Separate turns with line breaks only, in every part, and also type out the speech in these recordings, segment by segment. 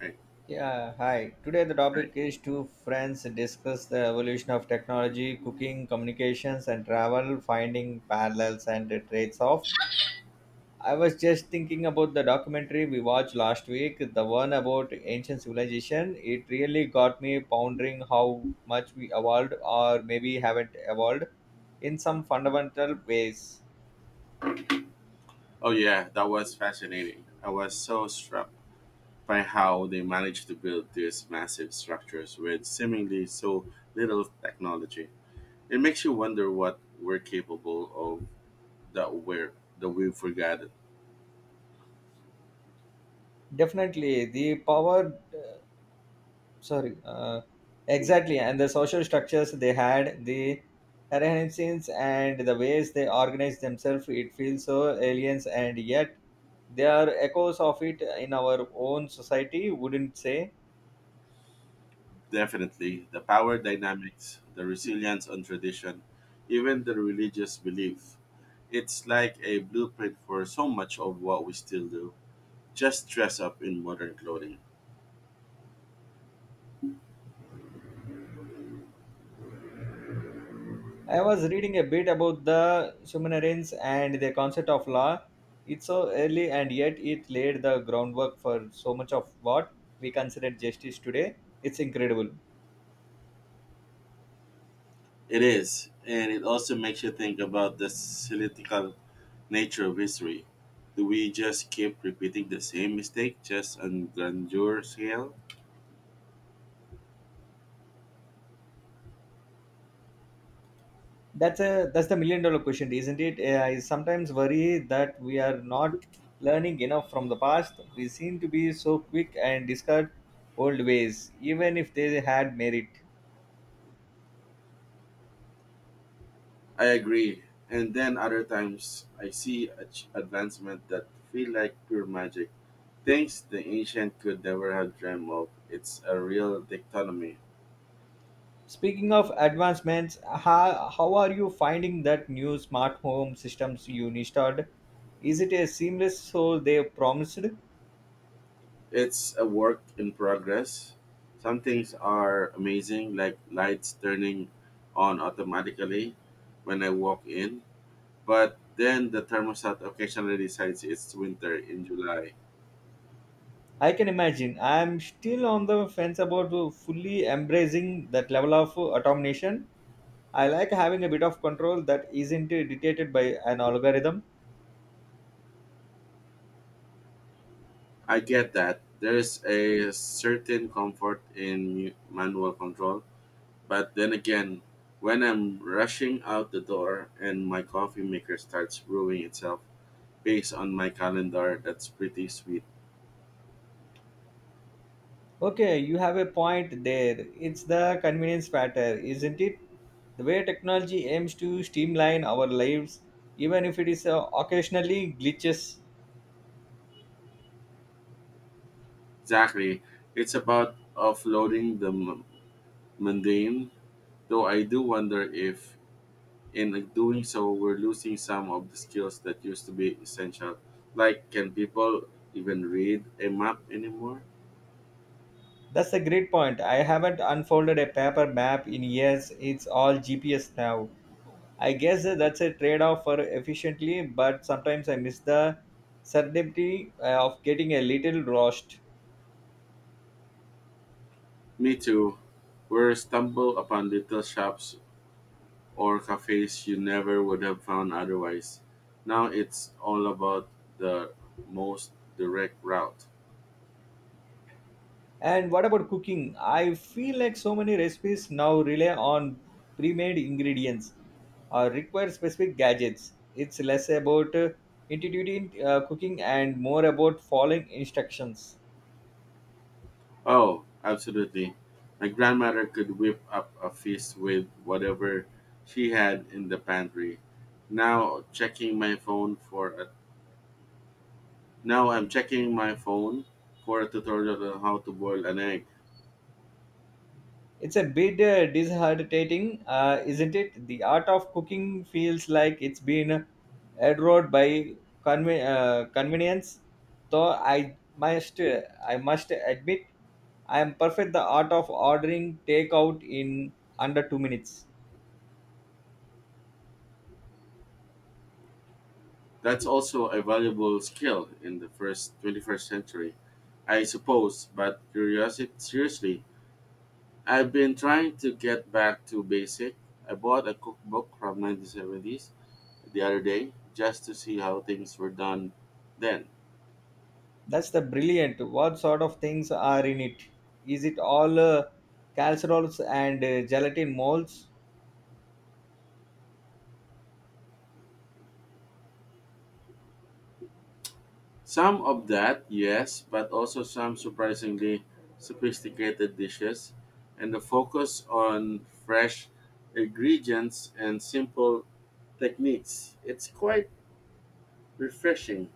Right.
Yeah, hi. Today the topic
Right.
is two friends discuss the evolution of technology, cooking, communications, and travel, finding parallels and the traits of. I was just thinking about the documentary we watched last week, the one about ancient civilization. It really got me pondering how much we evolved or maybe haven't evolved in some fundamental ways.
Oh yeah, that was fascinating. I was so struck by how they managed to build these massive structures with seemingly so little technology. It makes you wonder what we're capable of that we're that we've forgotten.
Definitely, the power sorry exactly, and the social structures they had, the hierarchies and the ways they organize themselves. It feels so aliens, and yet they are echoes of it in our own society, wouldn't say.
Definitely, the power dynamics, the resilience on tradition, even the religious belief. It's like a blueprint for so much of what we still do, just dress up in modern clothing.
I was reading a bit about the Sumerians and the concept of law. It's so early, and yet it laid the groundwork for so much of what we consider justice today. It's incredible.
It is, and it also makes you think about the cyclical nature of history. Do we just keep repeating the same mistake, just on grandeur scale?
That's the million dollar question, isn't it? I sometimes worry that we are not learning enough from the past. We seem to be so quick and discard old ways even if they had merit.
I agree. And then other times, I see advancement that feel like pure magic, things the ancient could never have dreamt of. It's a real dichotomy.
Speaking of advancements, how are you finding that new smart home systems you installed? Is it as seamless so they promised?
It's a work in progress. Some things are amazing, like lights turning on automatically when I walk in. But then the thermostat occasionally decides it's winter in July.
I can imagine. I'm still on the fence about fully embracing that level of automation. I like having a bit of control that isn't dictated by an algorithm.
I get that. There's a certain comfort in manual control. But then again, when I'm rushing out the door and my coffee maker starts brewing itself based on my calendar, that's pretty sweet.
Okay, you have a point there. It's the convenience factor, isn't it? The way technology aims to streamline our lives, even if it is occasionally glitches.
Exactly. It's about offloading the mundane, though I do wonder if doing so, we're losing some of the skills that used to be essential. Like, can people even read a map anymore?
That's a great point. I haven't unfolded a paper map in years. It's all GPS now. I guess that's a trade off for efficiently, but sometimes I miss the certainty of getting a little lost.
Me too. We're stumble upon little shops or cafes you never would have found otherwise. Now it's all about the most direct route.
And what about cooking? I feel like so many recipes now rely on pre-made ingredients or require specific gadgets. It's less about intuitive cooking and more about following instructions.
Oh, absolutely. My grandmother could whip up a feast with whatever she had in the pantry. Now checking my phone for Now I'm checking my phone for a tutorial on how to boil an egg.
It's a bit disheartening, isn't it? The art of cooking feels like it's been eroded by convenience. Though I must admit I am perfect the art of ordering takeout in under 2 minutes.
That's also a valuable skill in the first 21st century, I suppose. But curiosity, seriously, I've been trying to get back to basic. I bought a cookbook from 1970s the other day just to see how things were done then.
That's the brilliant. What sort of things are in it? Is it all casseroles and gelatin molds?
Some of that, yes, but also some surprisingly sophisticated dishes, and the focus on fresh ingredients and simple techniques. It's quite refreshing.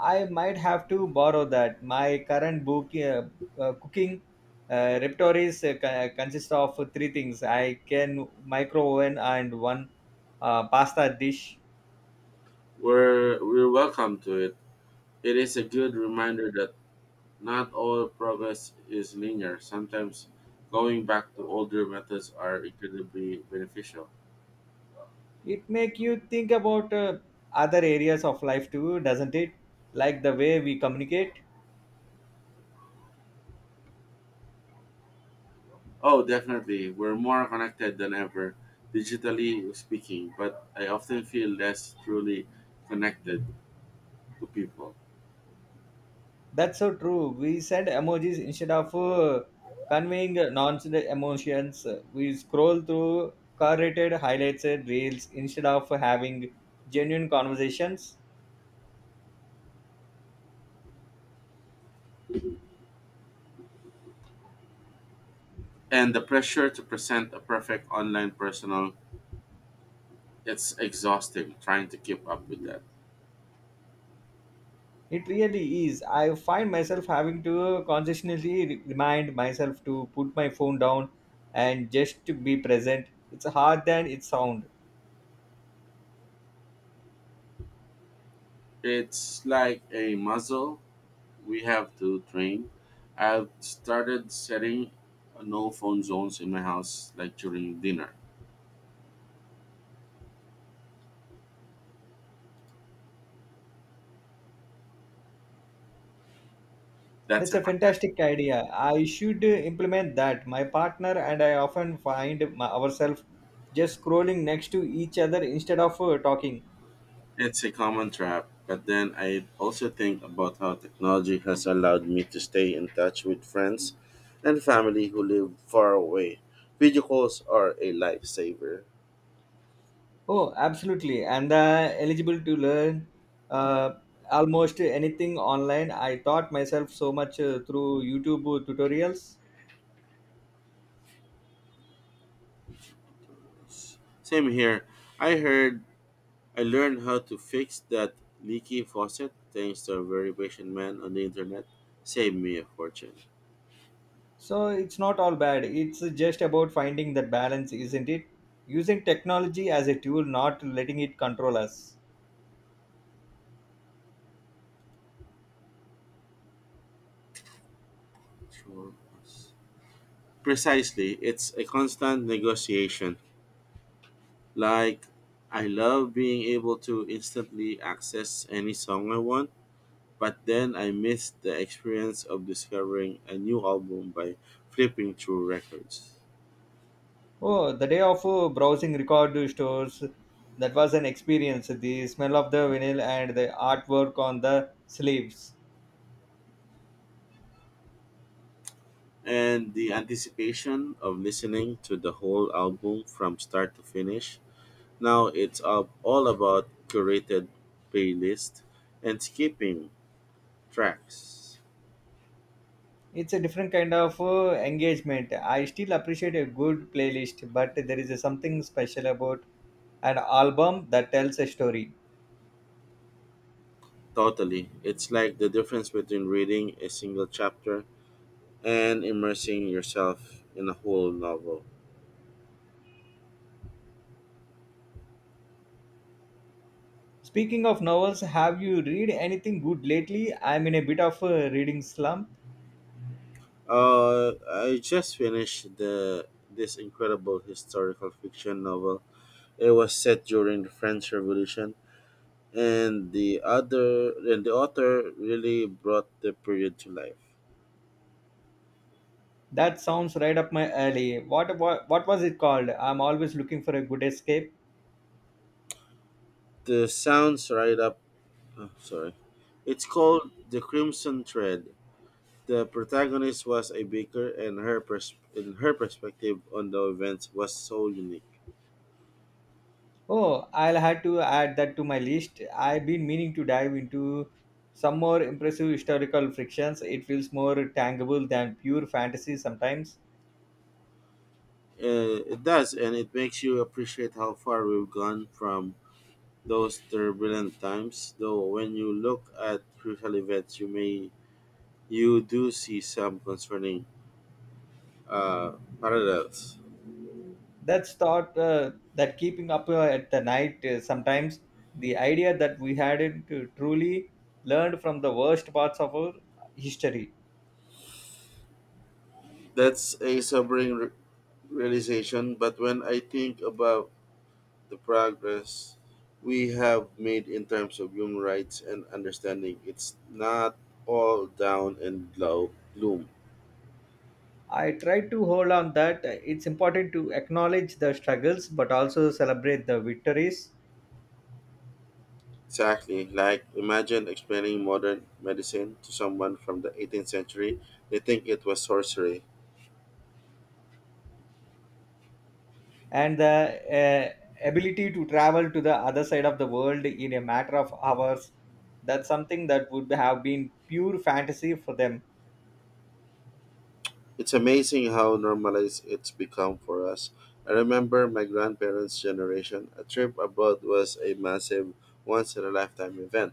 I might have to borrow that. My current book cooking repertoire consists of three things. I can micro oven and one pasta dish.
We're welcome to it. It is a good reminder that not all progress is linear. Sometimes going back to older methods are incredibly beneficial.
It make you think about other areas of life too, doesn't it? Like the way we communicate.
Oh, definitely. We're more connected than ever, digitally speaking, but I often feel less truly connected to people.
That's so true. We send emojis instead of conveying nonsense emotions. We scroll through curated highlights and reels instead of having genuine conversations.
And the pressure to present a perfect online personal, it's exhausting trying to keep up with that.
It really is. I find myself having to consciously remind myself to put my phone down and just to be present. It's hard than it sounds.
It's like a muscle we have to train. I've started setting no phone zones in my house like during dinner. That's
That's
a
a
fantastic.
fantastic idea. I should implement that. My partner and I often find ourselves just scrolling next to each other instead of talking.
It's a common trap, but then I also think about how technology has allowed me to stay in touch with friends and family who live far away. Video calls are a lifesaver.
Oh, absolutely. And eligible to learn uh, almost anything online. I taught myself so much through YouTube tutorials.
Same here. I heard I learned how to fix that leaky faucet thanks to a very patient man on the internet. Saved me a fortune.
So it's not all bad. It's just about finding that balance, isn't it? Using technology as a tool, not letting it control us.
Sure. Precisely, it's a constant negotiation. Like, I love being able to instantly access any song I want, but then I miss the experience of discovering a new album by flipping through records.
Oh, the day of browsing record stores, that was an experience. The smell of the vinyl and the artwork on the sleeves.
And the anticipation of listening to the whole album from start to finish. Now it's up all about curated playlist and skipping tracks.
It's a different kind of engagement. I still appreciate a good playlist, but there is something special about an album that tells a story.
Totally. It's like the difference between reading a single chapter and immersing yourself in a whole novel.
Speaking of novels, have you read anything good lately? I'm in a bit of a reading slump.
I just finished the this incredible historical fiction novel. It was set during the French Revolution, and the other and the author really brought the period to life.
That sounds right up my alley. What was it called? I'm always looking for a good escape.
The sounds right up. Oh, sorry, it's called The Crimson Thread. The protagonist was a baker, and her perspective on the events was so unique.
Oh, I'll have to add that to my list. I've been meaning to dive into some more impressive historical frictions. It feels more tangible than pure fantasy sometimes.
It does, and it makes you appreciate how far we've gone from those turbulent times. Though, when you look at crucial events, you do see some concerning uh, parallels.
That keeping up at the night sometimes, the idea that we hadn't truly learned from the worst parts of our history.
That's a sobering realization. But when I think about the progress we have made in terms of human rights and understanding, it's not all down and gloom.
I try to hold on that it's important to acknowledge the struggles but also celebrate the victories.
Exactly. Like, imagine explaining modern medicine to someone from the 18th century. They think it was sorcery.
And the ability to travel to the other side of the world in a matter of hours, that's something that would have been pure fantasy for them.
It's amazing how normalized it's become for us. I remember my grandparents' generation. A trip abroad was a massive, once in a lifetime event.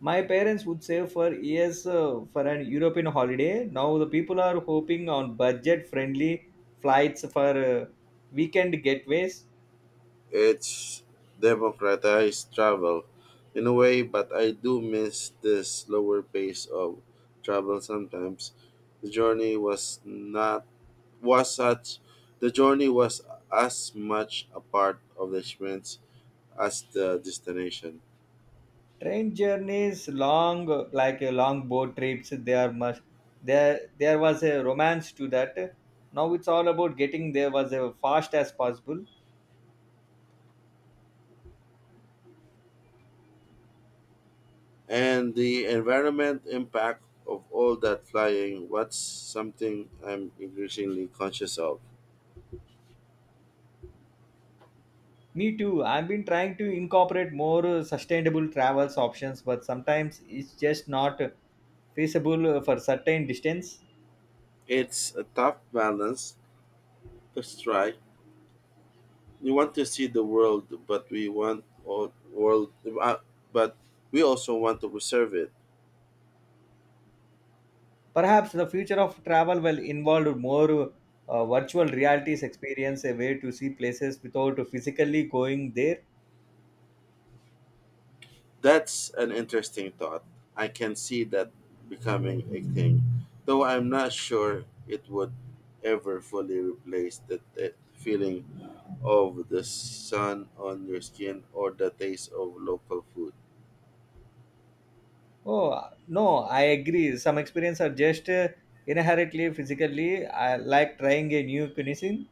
My parents would save for years for an european holiday. Now the people are hoping on budget friendly flights for weekend getaways.
It's democratized travel in a way, but I do miss the slower pace of travel sometimes. The journey was not was such the journey was as much a part of the experience as the destination.
Train journeys long long boat trips, they are much. There was a romance to that. Now it's all about getting there was a fast as possible.
And the environment impact of all that flying was something I'm increasingly conscious of.
Me too. I've been trying to incorporate more sustainable travels options, but sometimes it's just not feasible for certain distance.
It's a tough balance to strike. We want to see the world, but uh, but we also want to preserve it.
Perhaps the future of travel will involve more virtual realities experience, a way to see places without physically going there.
That's an interesting thought. I can see that becoming a thing, though I'm not sure it would ever fully replace the feeling of the sun on your skin or the taste of local food.
Oh, no, I agree. Some experiences are just inherently physically. I like trying a new cuisine.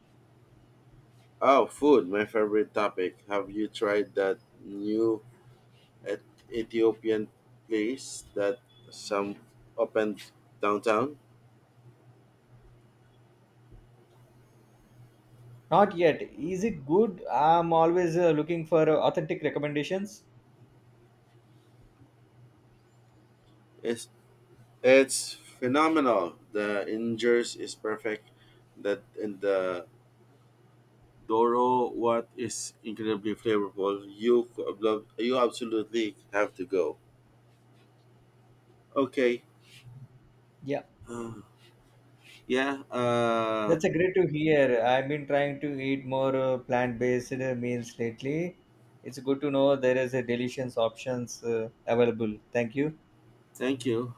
Oh, food, my favorite topic. Have you tried that new Et- Ethiopian place that some opened downtown?
Not yet. Is it good? I'm always looking for authentic recommendations.
It's, it's phenomenal. The injers is perfect that in the Doro what is incredibly flavorful. You absolutely have to go. Okay.
Yeah.
Uh, yeah.
That's a great to hear. I've been trying to eat more plant-based meals lately. It's good to know there is a delicious options available. Thank you.
Thank you.